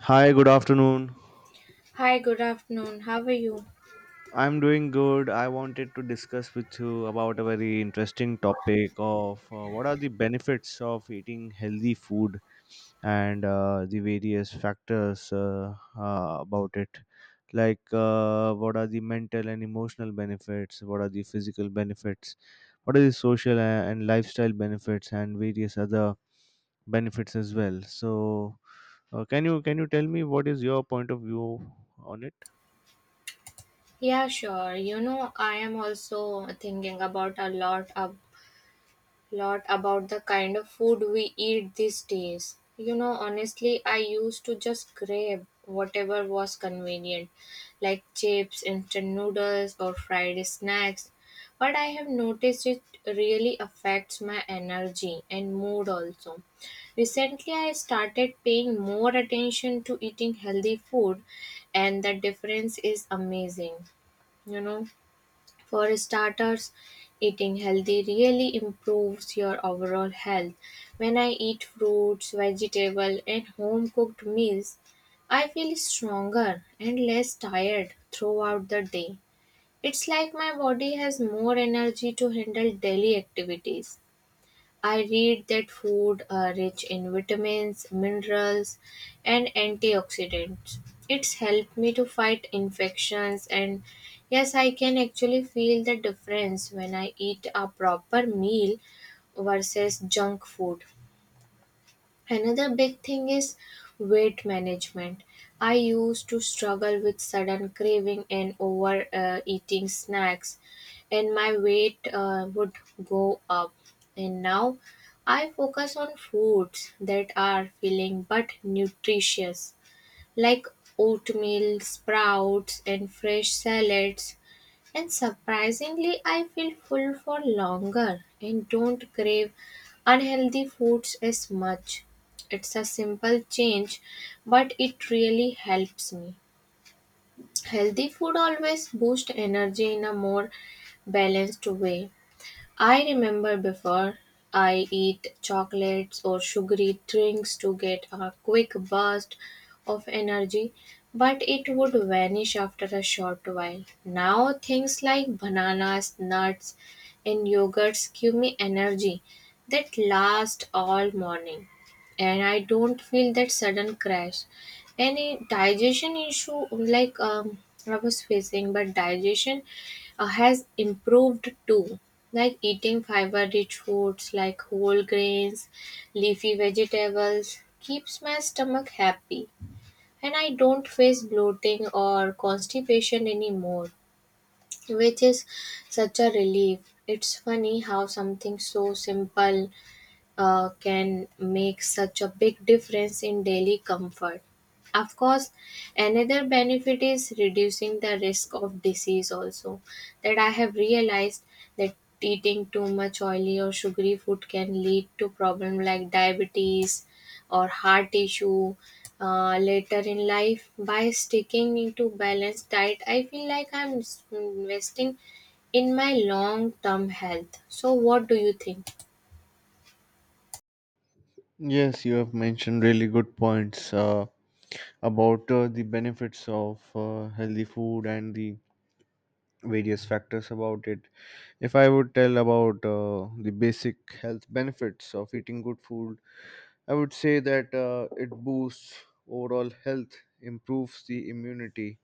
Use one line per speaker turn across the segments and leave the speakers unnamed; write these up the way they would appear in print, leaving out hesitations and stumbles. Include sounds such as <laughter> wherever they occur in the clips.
Hi, good afternoon.
Hi, good afternoon. How are you?
I'm doing good. I wanted to discuss with you about a very interesting topic of what are the benefits of eating healthy food and the various factors about it. What are the mental and emotional benefits? What are the physical benefits? What are the social and lifestyle benefits and various other benefits as well? So, can you tell me what is your point of view on it?
Yeah, sure. You know, I am also thinking about a lot about the kind of food we eat these days. You know, honestly, I used to just grab whatever was convenient, like chips, instant noodles, or fried snacks. But I have noticed it really affects my energy and mood also. Recently, I started paying more attention to eating healthy food, and the difference is amazing, you know. For starters, eating healthy really improves your overall health. When I eat fruits, vegetables, and home cooked meals, I feel stronger and less tired throughout the day. It's like my body has more energy to handle daily activities. I read that food are rich in vitamins, minerals, and antioxidants. It's helped me to fight infections, and yes, I can actually feel the difference when I eat a proper meal versus junk food. Another big thing is weight management. I used to struggle with sudden craving and over eating snacks, and my weight would go up. And now I focus on foods that are filling but nutritious, like oatmeal, sprouts, and fresh salads. And surprisingly, I feel full for longer and don't crave unhealthy foods as much. It's a simple change, but it really helps me. Healthy food always boosts energy in a more balanced way. I remember before I eat chocolates or sugary drinks to get a quick burst of energy, but it would vanish after a short while. Now things like bananas, nuts, and yogurts give me energy that lasts all morning, and I don't feel that sudden crash. Any digestion issue like I was facing, but digestion has improved too, like eating fiber-rich foods like whole grains, leafy vegetables keeps my stomach happy and I don't face bloating or constipation anymore, which is such a relief. It's funny how something so simple can make such a big difference in daily comfort. Of course, another benefit is reducing the risk of disease, also. That I have realized that eating too much oily or sugary food can lead to problems like diabetes or heart issue later in life. By sticking into balanced diet, I feel like I'm investing in my long term health. So, what do you think?
Yes, you have mentioned really good points about the benefits of healthy food and the various factors about it. If I would tell about the basic health benefits of eating good food, I would say that it boosts overall health, improves the immunity,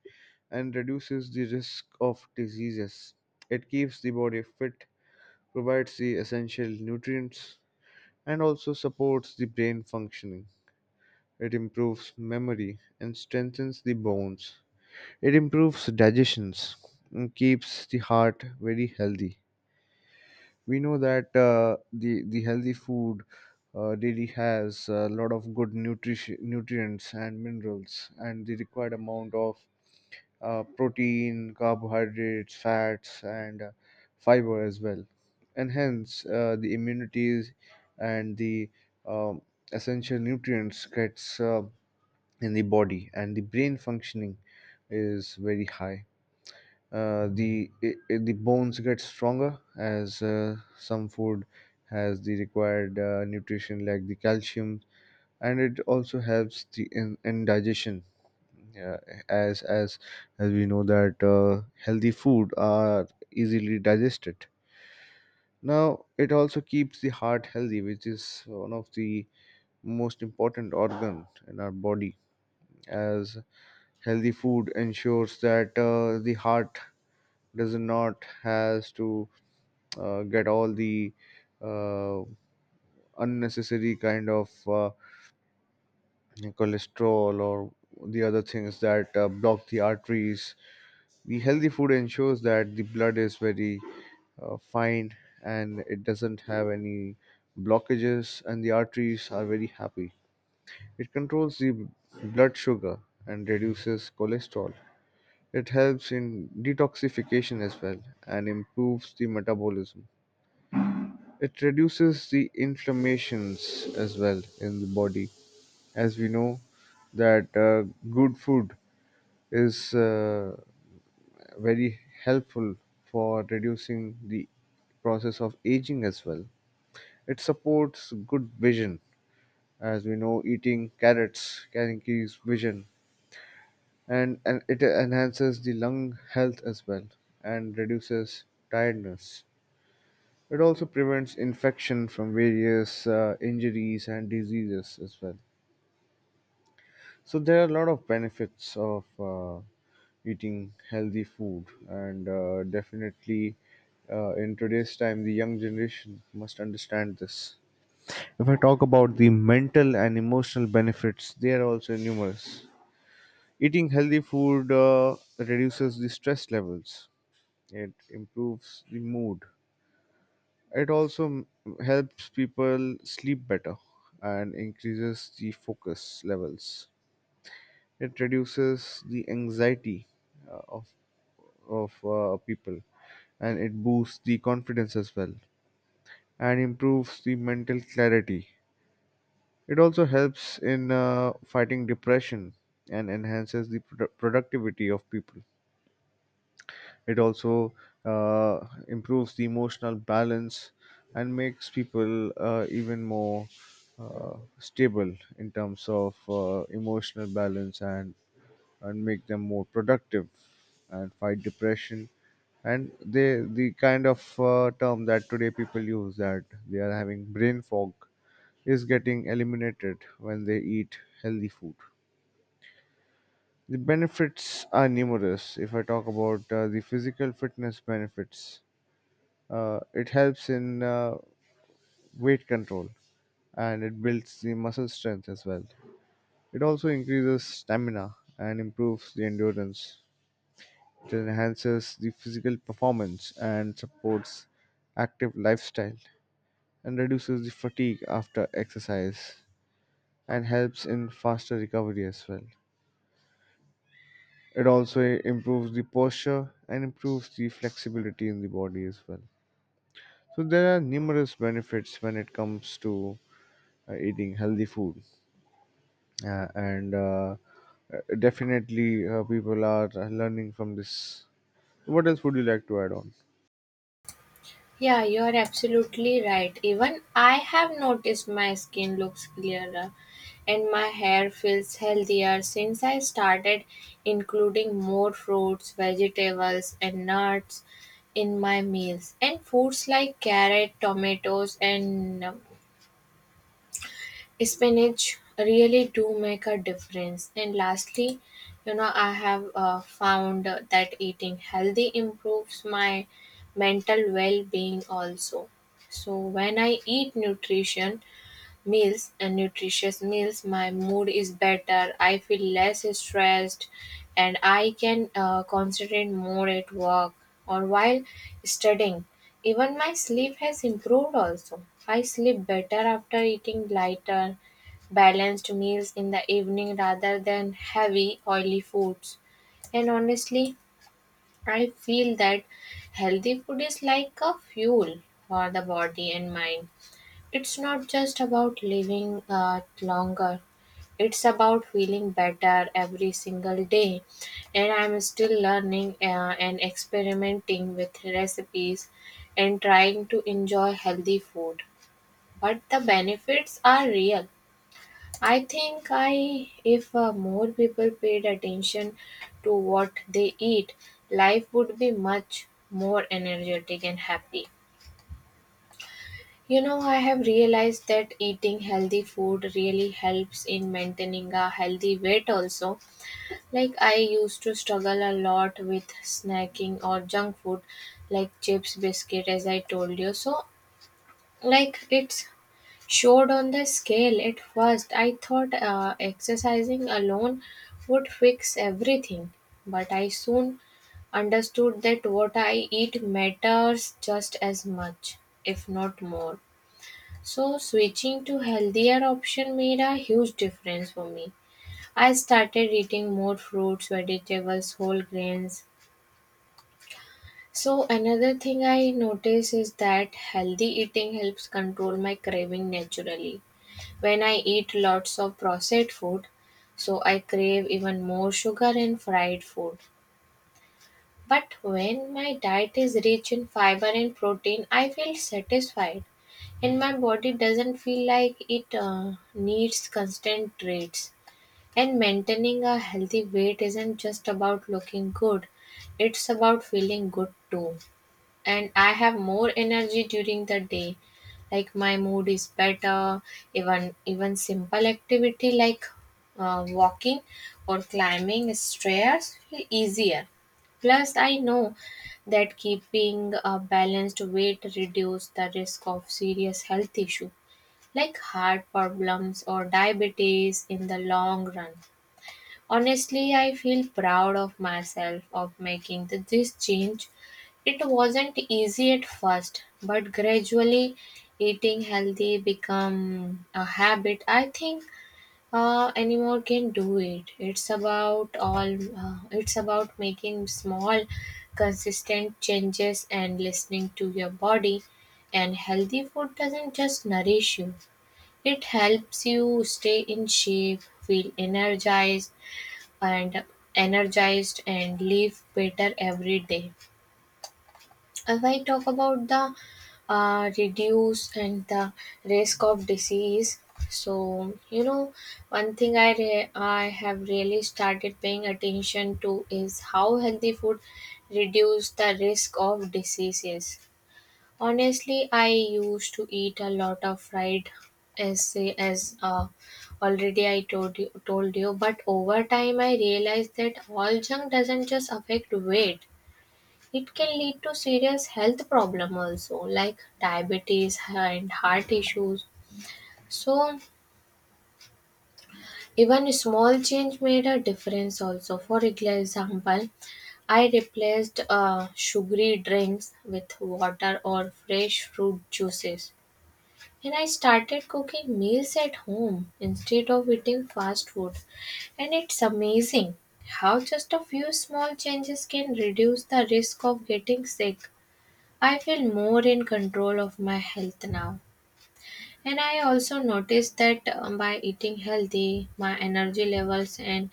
and reduces the risk of diseases. It keeps the body fit, provides the essential nutrients, and also supports the brain functioning. It improves memory and strengthens the bones. It improves digestion and keeps the heart very healthy. We know that the healthy food daily has a lot of good nutrition, nutrients and minerals, and the required amount of protein, carbohydrates, fats, and fiber as well. And hence, the immunities and the um, essential nutrients gets in the body and the brain functioning is very high. Uh, the i the bones get stronger as some food has the required nutrition like the calcium, and it also helps in digestion. Yeah, as as as we know that healthy food are easily digested. Now it also keeps the heart healthy, which is one of the most important organ in our body, as healthy food ensures that the heart does not has to get all the uh, unnecessary kind of cholesterol or the other things that block the arteries. The healthy food ensures that the blood is very fine and it doesn't have any blockages and the arteries are very happy. It controls the blood sugar and reduces cholesterol. It helps in detoxification as well and improves the metabolism. It reduces the inflammations as well in the body. As we know that good food is very helpful for reducing the process of aging as well. It supports good vision. As we know, eating carrots can increase vision, and it enhances the lung health as well and reduces tiredness. It also prevents infection from various injuries and diseases as well. So there are a lot of benefits of eating healthy food, and definitely in today's time, the young generation must understand this. If I talk about the mental and emotional benefits, they are also numerous. Eating healthy food reduces the stress levels. It improves the mood. It also m- helps people sleep better and increases the focus levels. It reduces the anxiety uh, of of people, and it boosts the confidence as well and improves the mental clarity. It also helps in fighting depression and enhances the productivity of people. It also improves the emotional balance and makes people even more stable in terms of emotional balance, and make them more productive and fight depression, and they the kind of term that today people use, that they are having brain fog, is getting eliminated when they eat healthy food. The benefits are numerous. If I talk about the physical fitness benefits, it helps in weight control and it builds the muscle strength as well. It also increases stamina and improves the endurance. It enhances the physical performance and supports active lifestyle and reduces the fatigue after exercise and helps in faster recovery as well. It also improves the posture and improves the flexibility in the body as well. So there are numerous benefits when it comes to eating healthy food. And Definitely people are learning from this. What else would you like to add on?
Yeah, you are absolutely right. Even I have noticed my skin looks clearer and my hair feels healthier since I started including more fruits, vegetables, and nuts in my meals. And foods like carrot, tomatoes, and spinach really do make a difference. And lastly, you know, I have found that eating healthy improves my mental well-being also. So when I eat nutrition meals and nutritious meals, my mood is better, I feel less stressed, and I can concentrate more at work or while studying. Even my sleep has improved also. I sleep better after eating lighter balanced meals in the evening rather than heavy oily foods. And honestly, I feel that healthy food is like a fuel for the body and mind. It's not just about living longer. It's about feeling better every single day. And I'm still learning and experimenting with recipes and trying to enjoy healthy food. But the benefits are real. I think I if more people paid attention to what they eat, life would be much more energetic and happy. You know, I have realized that eating healthy food really helps in maintaining a healthy weight also. Like I used to struggle a lot with snacking or junk food like chips, biscuit as I told you. So like it's showed on the scale at first. I thought exercising alone would fix everything, but I soon understood that what I eat matters just as much, if not more. So switching to healthier option made a huge difference for me. I started eating more fruits, vegetables, whole grains. So another thing I notice is that healthy eating helps control my craving naturally. When I eat lots of processed food, so I crave even more sugar and fried food. But when my diet is rich in fiber and protein, I feel satisfied, and my body doesn't feel like it needs constant treats. And maintaining a healthy weight isn't just about looking good, it's about feeling good too, and I have more energy during the day. Like my mood is better. Even simple activity like walking or climbing stairs feel easier. Plus, I know that keeping a balanced weight reduces the risk of serious health issue like heart problems or diabetes in the long run. Honestly, I feel proud of myself of making this change. It wasn't easy at first, but gradually eating healthy become a habit. I think anyone can do it. It's about making small consistent changes and listening to your body. And healthy food doesn't just nourish you. It helps you stay in shape, feel and energized and live better every day. If I talk about the reduce and the risk of disease, so you know, one thing I have really started paying attention to is how healthy food reduce the risk of diseases. Honestly, I used to eat a lot of fried as already I told you, but over time I realized that all junk doesn't just affect weight. It can lead to serious health problem also like diabetes and heart issues. So even a small change made a difference also. For example, I replaced sugary drinks with water or fresh fruit juices. And I started cooking meals at home instead of eating fast food. And it's amazing how just a few small changes can reduce the risk of getting sick. I feel more in control of my health now. And I also noticed that by eating healthy, my energy levels and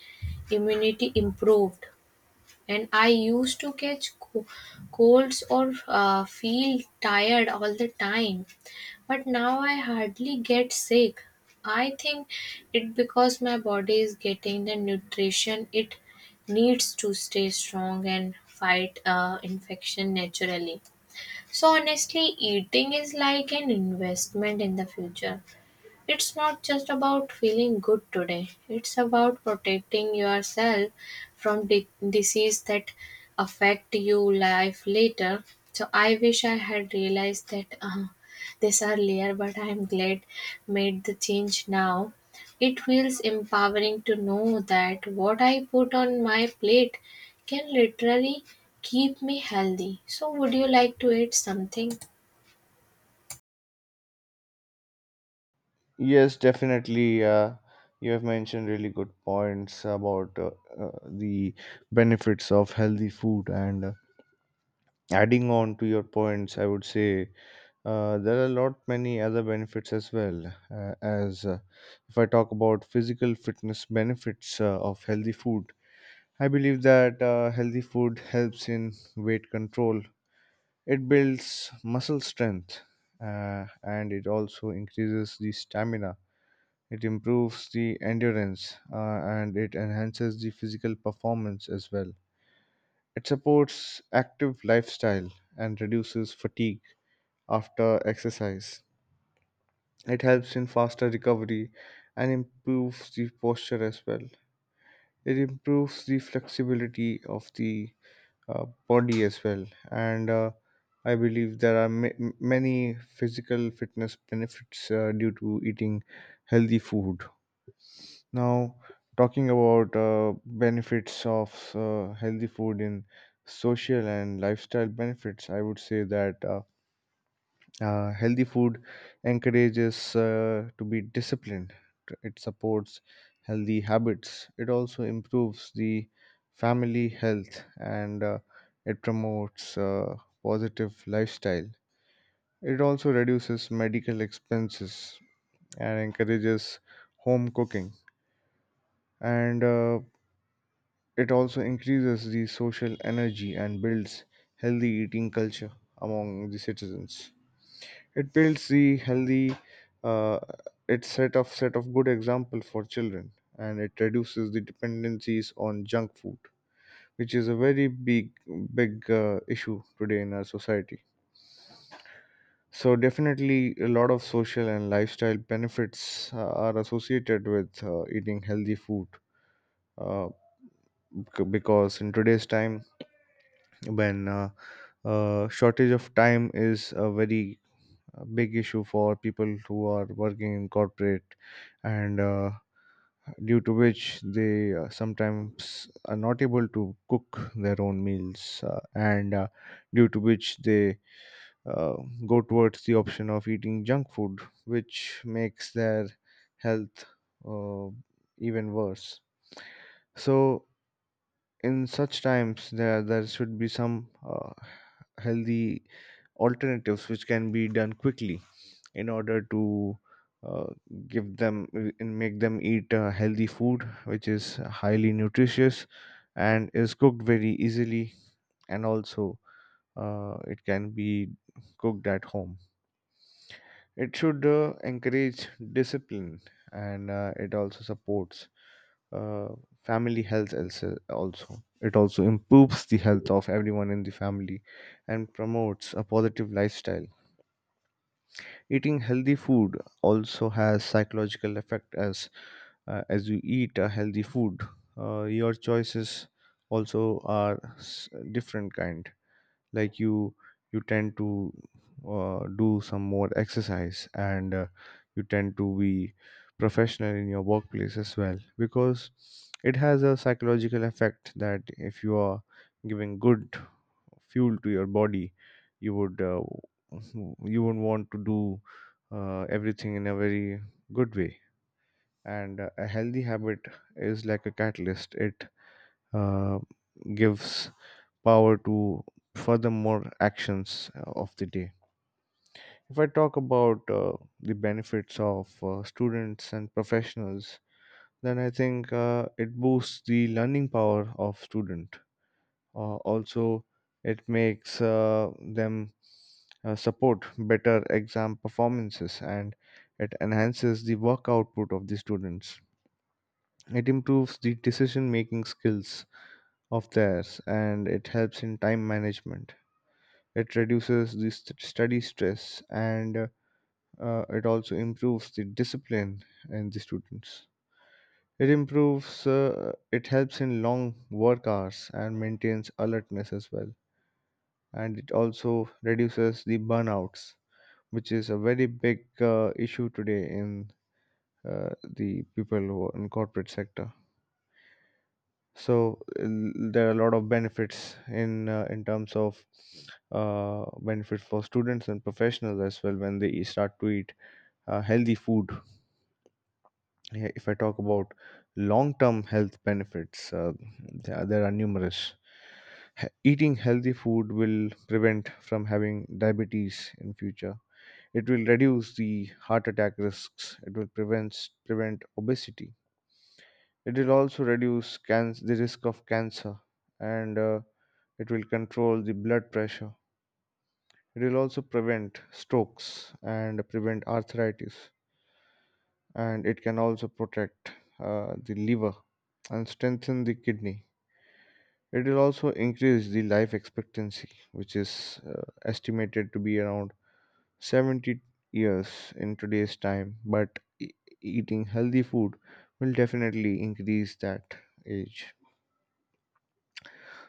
immunity improved. And I used to catch colds or feel tired all the time. But now I hardly get sick. I think it because my body is getting the nutrition it needs to stay strong and fight infection naturally. So honestly, eating is like an investment in the future. It's not just about feeling good today, it's about protecting yourself from disease that affect you life later. So I wish I had realized that this earlier, but I'm glad made the change now. It feels empowering to know that what I put on my plate can literally keep me healthy. So would you like to eat something?
Yes, definitely. You have mentioned really good points about the benefits of healthy food, and adding on to your points, I would say there are a lot many other benefits as well. As If I talk about physical fitness benefits of healthy food, I believe that healthy food helps in weight control. It builds muscle strength, and it also increases the stamina. It improves the endurance, and it enhances the physical performance as well. It supports active lifestyle and reduces fatigue after exercise. It helps in faster recovery and improves the posture as well. It improves the flexibility of the body as well. And I believe there are many physical fitness benefits due to eating healthy food. Now, talking about benefits of healthy food in social and lifestyle benefits, I would say that. Healthy food encourages to be disciplined. It supports healthy habits. It also improves the family health, and it promotes positive lifestyle. It also reduces medical expenses and encourages home cooking. And it also increases the social energy and builds healthy eating culture among the citizens. It builds the healthy uh, it set of good example for children, and it reduces the dependencies on junk food, which is a very big issue today in our society. So definitely, a lot of social and lifestyle benefits are associated with eating healthy food. Uh, because in today's time, when shortage of time is a very a big issue for people who are working in corporate, and due to which they sometimes are not able to cook their own meals, and due to which they uh, go towards the option of eating junk food, which makes their health uh, even worse. So in such times, there should be some healthy alternatives which can be done quickly in order to uh, give them and make them eat healthy food which is highly nutritious and is cooked very easily, and also it can be cooked at home. It should encourage discipline, and it also supports uh, family health also. It also improves the health of everyone in the family and promotes a positive lifestyle. Eating healthy food also has psychological effect. As as you eat a healthy food, your choices also are different kind. Like you tend to do some more exercise, and you tend to be professional in your workplace as well, because it has a psychological effect that if you are giving good fuel to your body, you would <laughs> you would want to do everything in a very good way. And a healthy habit is like a catalyst. It uh, gives power to furthermore actions of the day. If I talk about the benefits of students and professionals, then I think it boosts the learning power of student. Also, it makes them support better exam performances, and it enhances the work output of the students. It improves the decision making skills of theirs, and it helps in time management. It reduces the study stress, and it also improves the discipline in the students. It improves, it helps in long work hours and maintains alertness as well, and it also reduces the burnouts, which is a very big issue today in the people who are in corporate sector. There are a lot of benefits in terms of benefits for students and professionals as well when they start to eat healthy food. Yeah, if I talk about long-term health benefits, there are numerous. Eating healthy food will prevent from having diabetes in future. It will reduce the heart attack risks. It will prevent obesity. It will also reduce the risk of cancer, and it will control the blood pressure. It will also prevent strokes and prevent arthritis, and it can also protect the liver and strengthen the kidney. It will also increase the life expectancy, which is estimated to be around 70 years in today's time, but eating healthy food will definitely increase that age.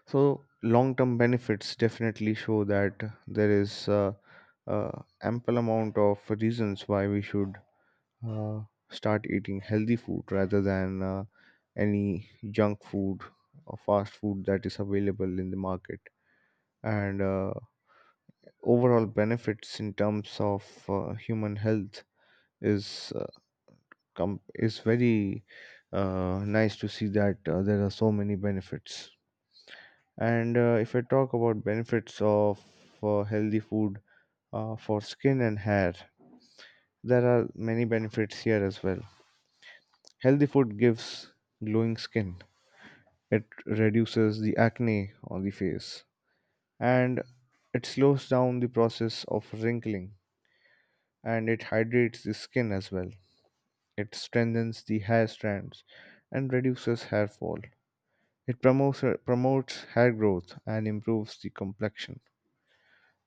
So, long term benefits definitely show that there is ample amount of reasons why we should uh, start eating healthy food rather than any junk food or fast food that is available in the market. And overall benefits in terms of human health is it's very nice to see that there are so many benefits. And if I talk about benefits of healthy food for skin and hair, there are many benefits here as well. Healthy food gives glowing skin. It reduces the acne on the face, and it slows down the process of wrinkling, and it hydrates the skin as well. It strengthens the hair strands and reduces hair fall. It promotes hair growth and improves the complexion.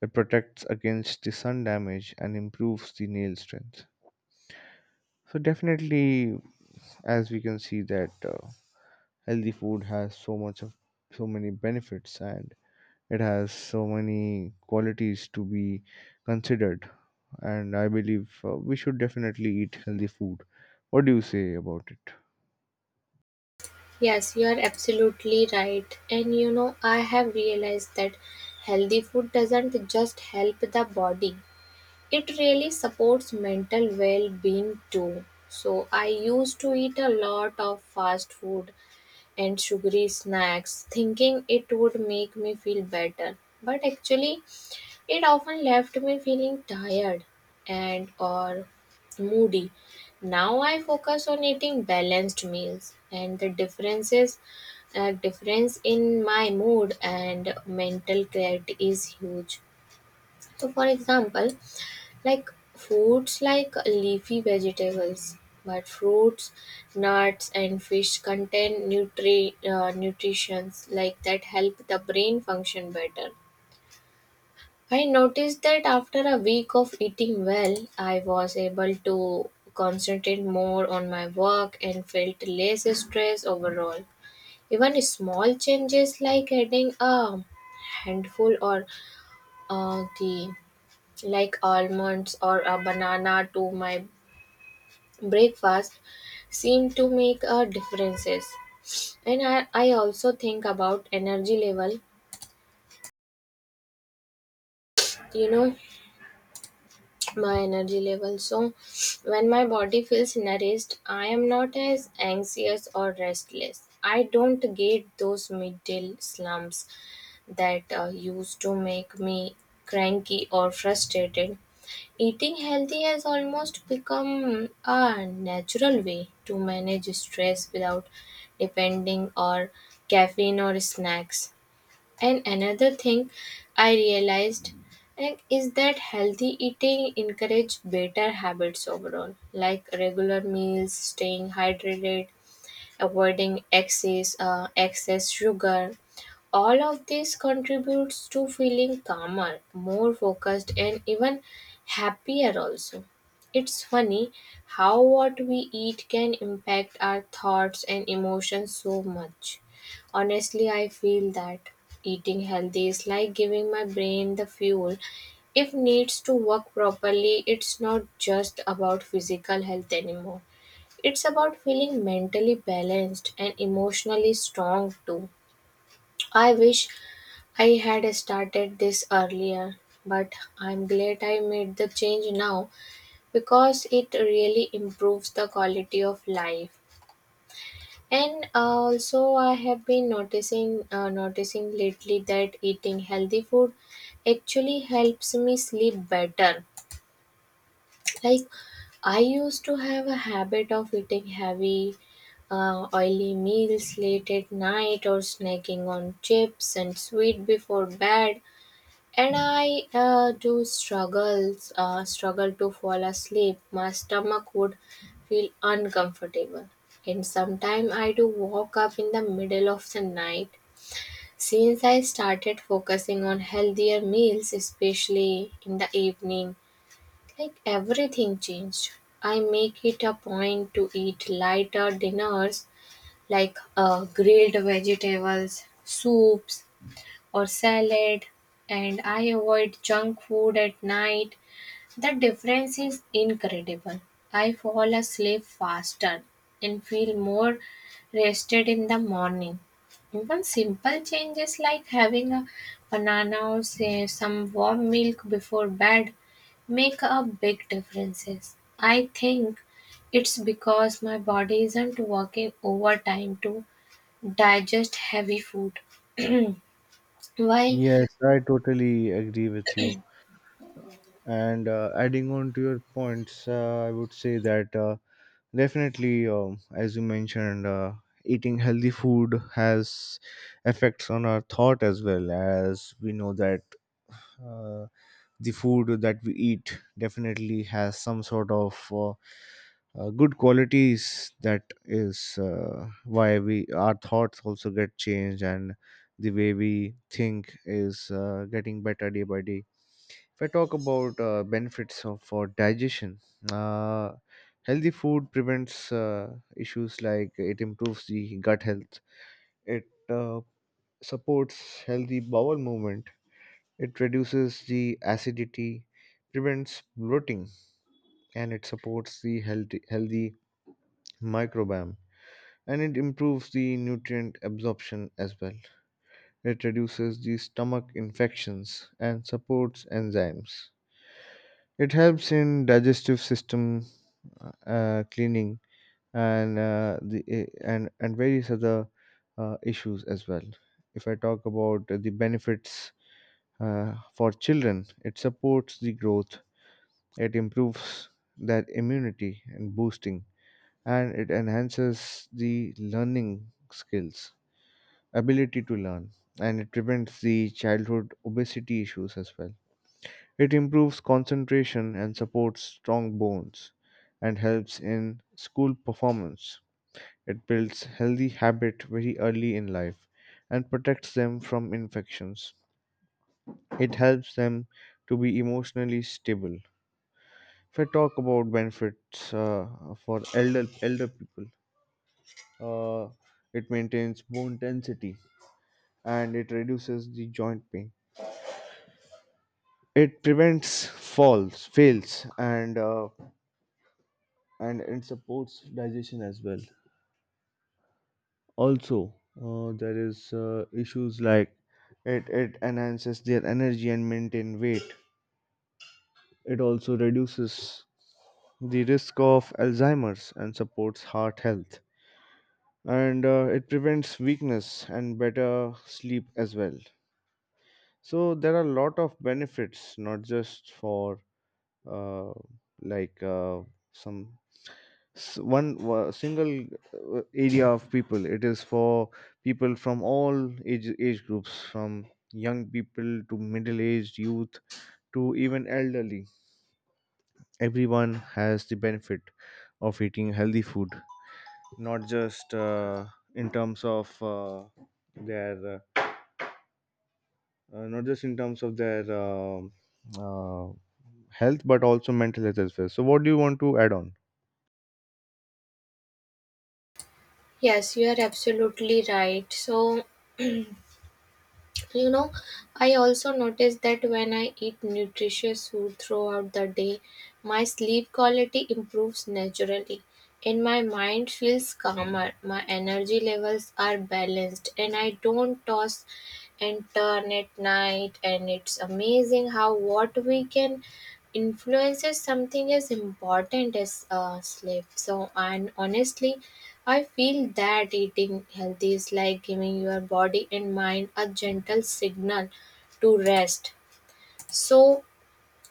It protects against the sun damage and improves the nail strength. So definitely, as we can see that healthy food has so much of so many benefits, and it has so many qualities to be considered. And I believe we should definitely eat healthy food. What do you say about it?
Yes, you are absolutely right. And you know, I have realized that healthy food doesn't just help the body, it really supports mental well being too. So, I used to eat a lot of fast food and sugary snacks, thinking it would make me feel better. But actually, it often left me feeling tired and or moody. Now I focus on eating balanced meals and the difference in my mood and mental clarity is huge. So for example, like foods like leafy vegetables but fruits, nuts and fish contain nutrients like that help the brain function better. I noticed that after a week of eating well, I was able to concentrate more on my work and felt less stress overall. Even small changes like adding a handful or the like almonds or a banana to my breakfast seem to make a differences. And I also think about energy level. You know, my energy level. So, when my body feels nourished, I am not as anxious or restless. I don't get those middle slumps that used to make me cranky or frustrated. Eating healthy has almost become a natural way to manage stress without depending on caffeine or snacks. And another thing I realized, like, is that healthy eating encourage better habits overall, like regular meals, staying hydrated, avoiding excess sugar. All of this contributes to feeling calmer, more focused, and even happier also. It's funny how what we eat can impact our thoughts and emotions so much. Honestly, I feel that eating healthy is like giving my brain the fuel if needs to work properly. It's not just about physical health anymore. It's about feeling mentally balanced and emotionally strong too. I wish I had started this earlier, but I'm glad I made the change now because it really improves the quality of life. And also, I have been noticing lately that eating healthy food actually helps me sleep better. Like I used to have a habit of eating heavy oily meals late at night or snacking on chips and sweet before bed, and I do struggle to fall asleep. My stomach would feel uncomfortable and sometimes I do wake up in the middle of the night. Since I started focusing on healthier meals especially in the evening, like everything changed. I make it a point to eat lighter dinners like grilled vegetables, soups, or salad, and I avoid junk food at night. The difference is incredible. I fall asleep faster and feel more rested in the morning. Even simple changes like having a banana or say some warm milk before bed make a big differences. I think it's because my body isn't working overtime to digest heavy food. While
Yes, I totally agree with you. And adding on to your points, I would say that definitely, as you mentioned, eating healthy food has effects on our thought as well. As we know that uh, the food that we eat definitely has some sort of good qualities. That is why we our thoughts also get changed, and the way we think is getting better day by day. If I talk about benefits of, for digestion, uh, healthy food prevents issues like it improves the gut health, it supports healthy bowel movement, it reduces the acidity, prevents bloating, and it supports the healthy microbiome. And it improves the nutrient absorption as well. It reduces the stomach infections and supports enzymes. It helps in digestive system cleaning, and and various other issues as well. If I talk about the benefits for children, it supports the growth. It improves their immunity and boosting, and it enhances the learning skills, ability to learn, and it prevents the childhood obesity issues as well. It improves concentration and supports strong bones and helps in school performance. It builds healthy habit very early in life and protects them from infections. It helps them to be emotionally stable. If I talk about benefits for elder people, uh, it maintains bone density, and it reduces the joint pain. It prevents falls, fails, and it supports digestion as well. Also, there is issues like it enhances their energy and maintain weight. It also reduces the risk of Alzheimer's and supports heart health. And it prevents weakness and better sleep as well. So there are a lot of benefits, not just for uh, like some s- one wa- single area of people. It is for people from all age groups, from young people to middle aged youth to even elderly. Everyone has the benefit of eating healthy food, not just in terms of their not just in terms of their uh, health, but also mental health as well. So what do you want to add on?
yes, you are absolutely right. So, you know, I also notice that when I eat nutritious food throughout the day, my sleep quality improves naturally. And my mind feels calmer, my energy levels are balanced, and I don't toss and turn at night. And it's amazing how what we can influences something as important as sleep. So, and honestly, I feel that eating healthy is like giving your body and mind a gentle signal to rest. So,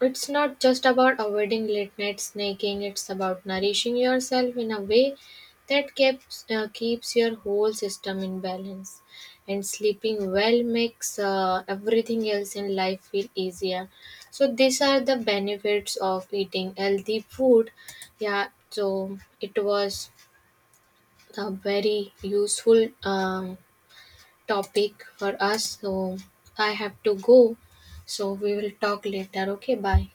it's not just about avoiding late night snacking, it's about nourishing yourself in a way that keeps your whole system in balance. And sleeping well makes everything else in life feel easier. So, these are the benefits of eating healthy food. Yeah, so it was a very useful topic for us. So, I have to go. So, we will talk later. Okay, bye.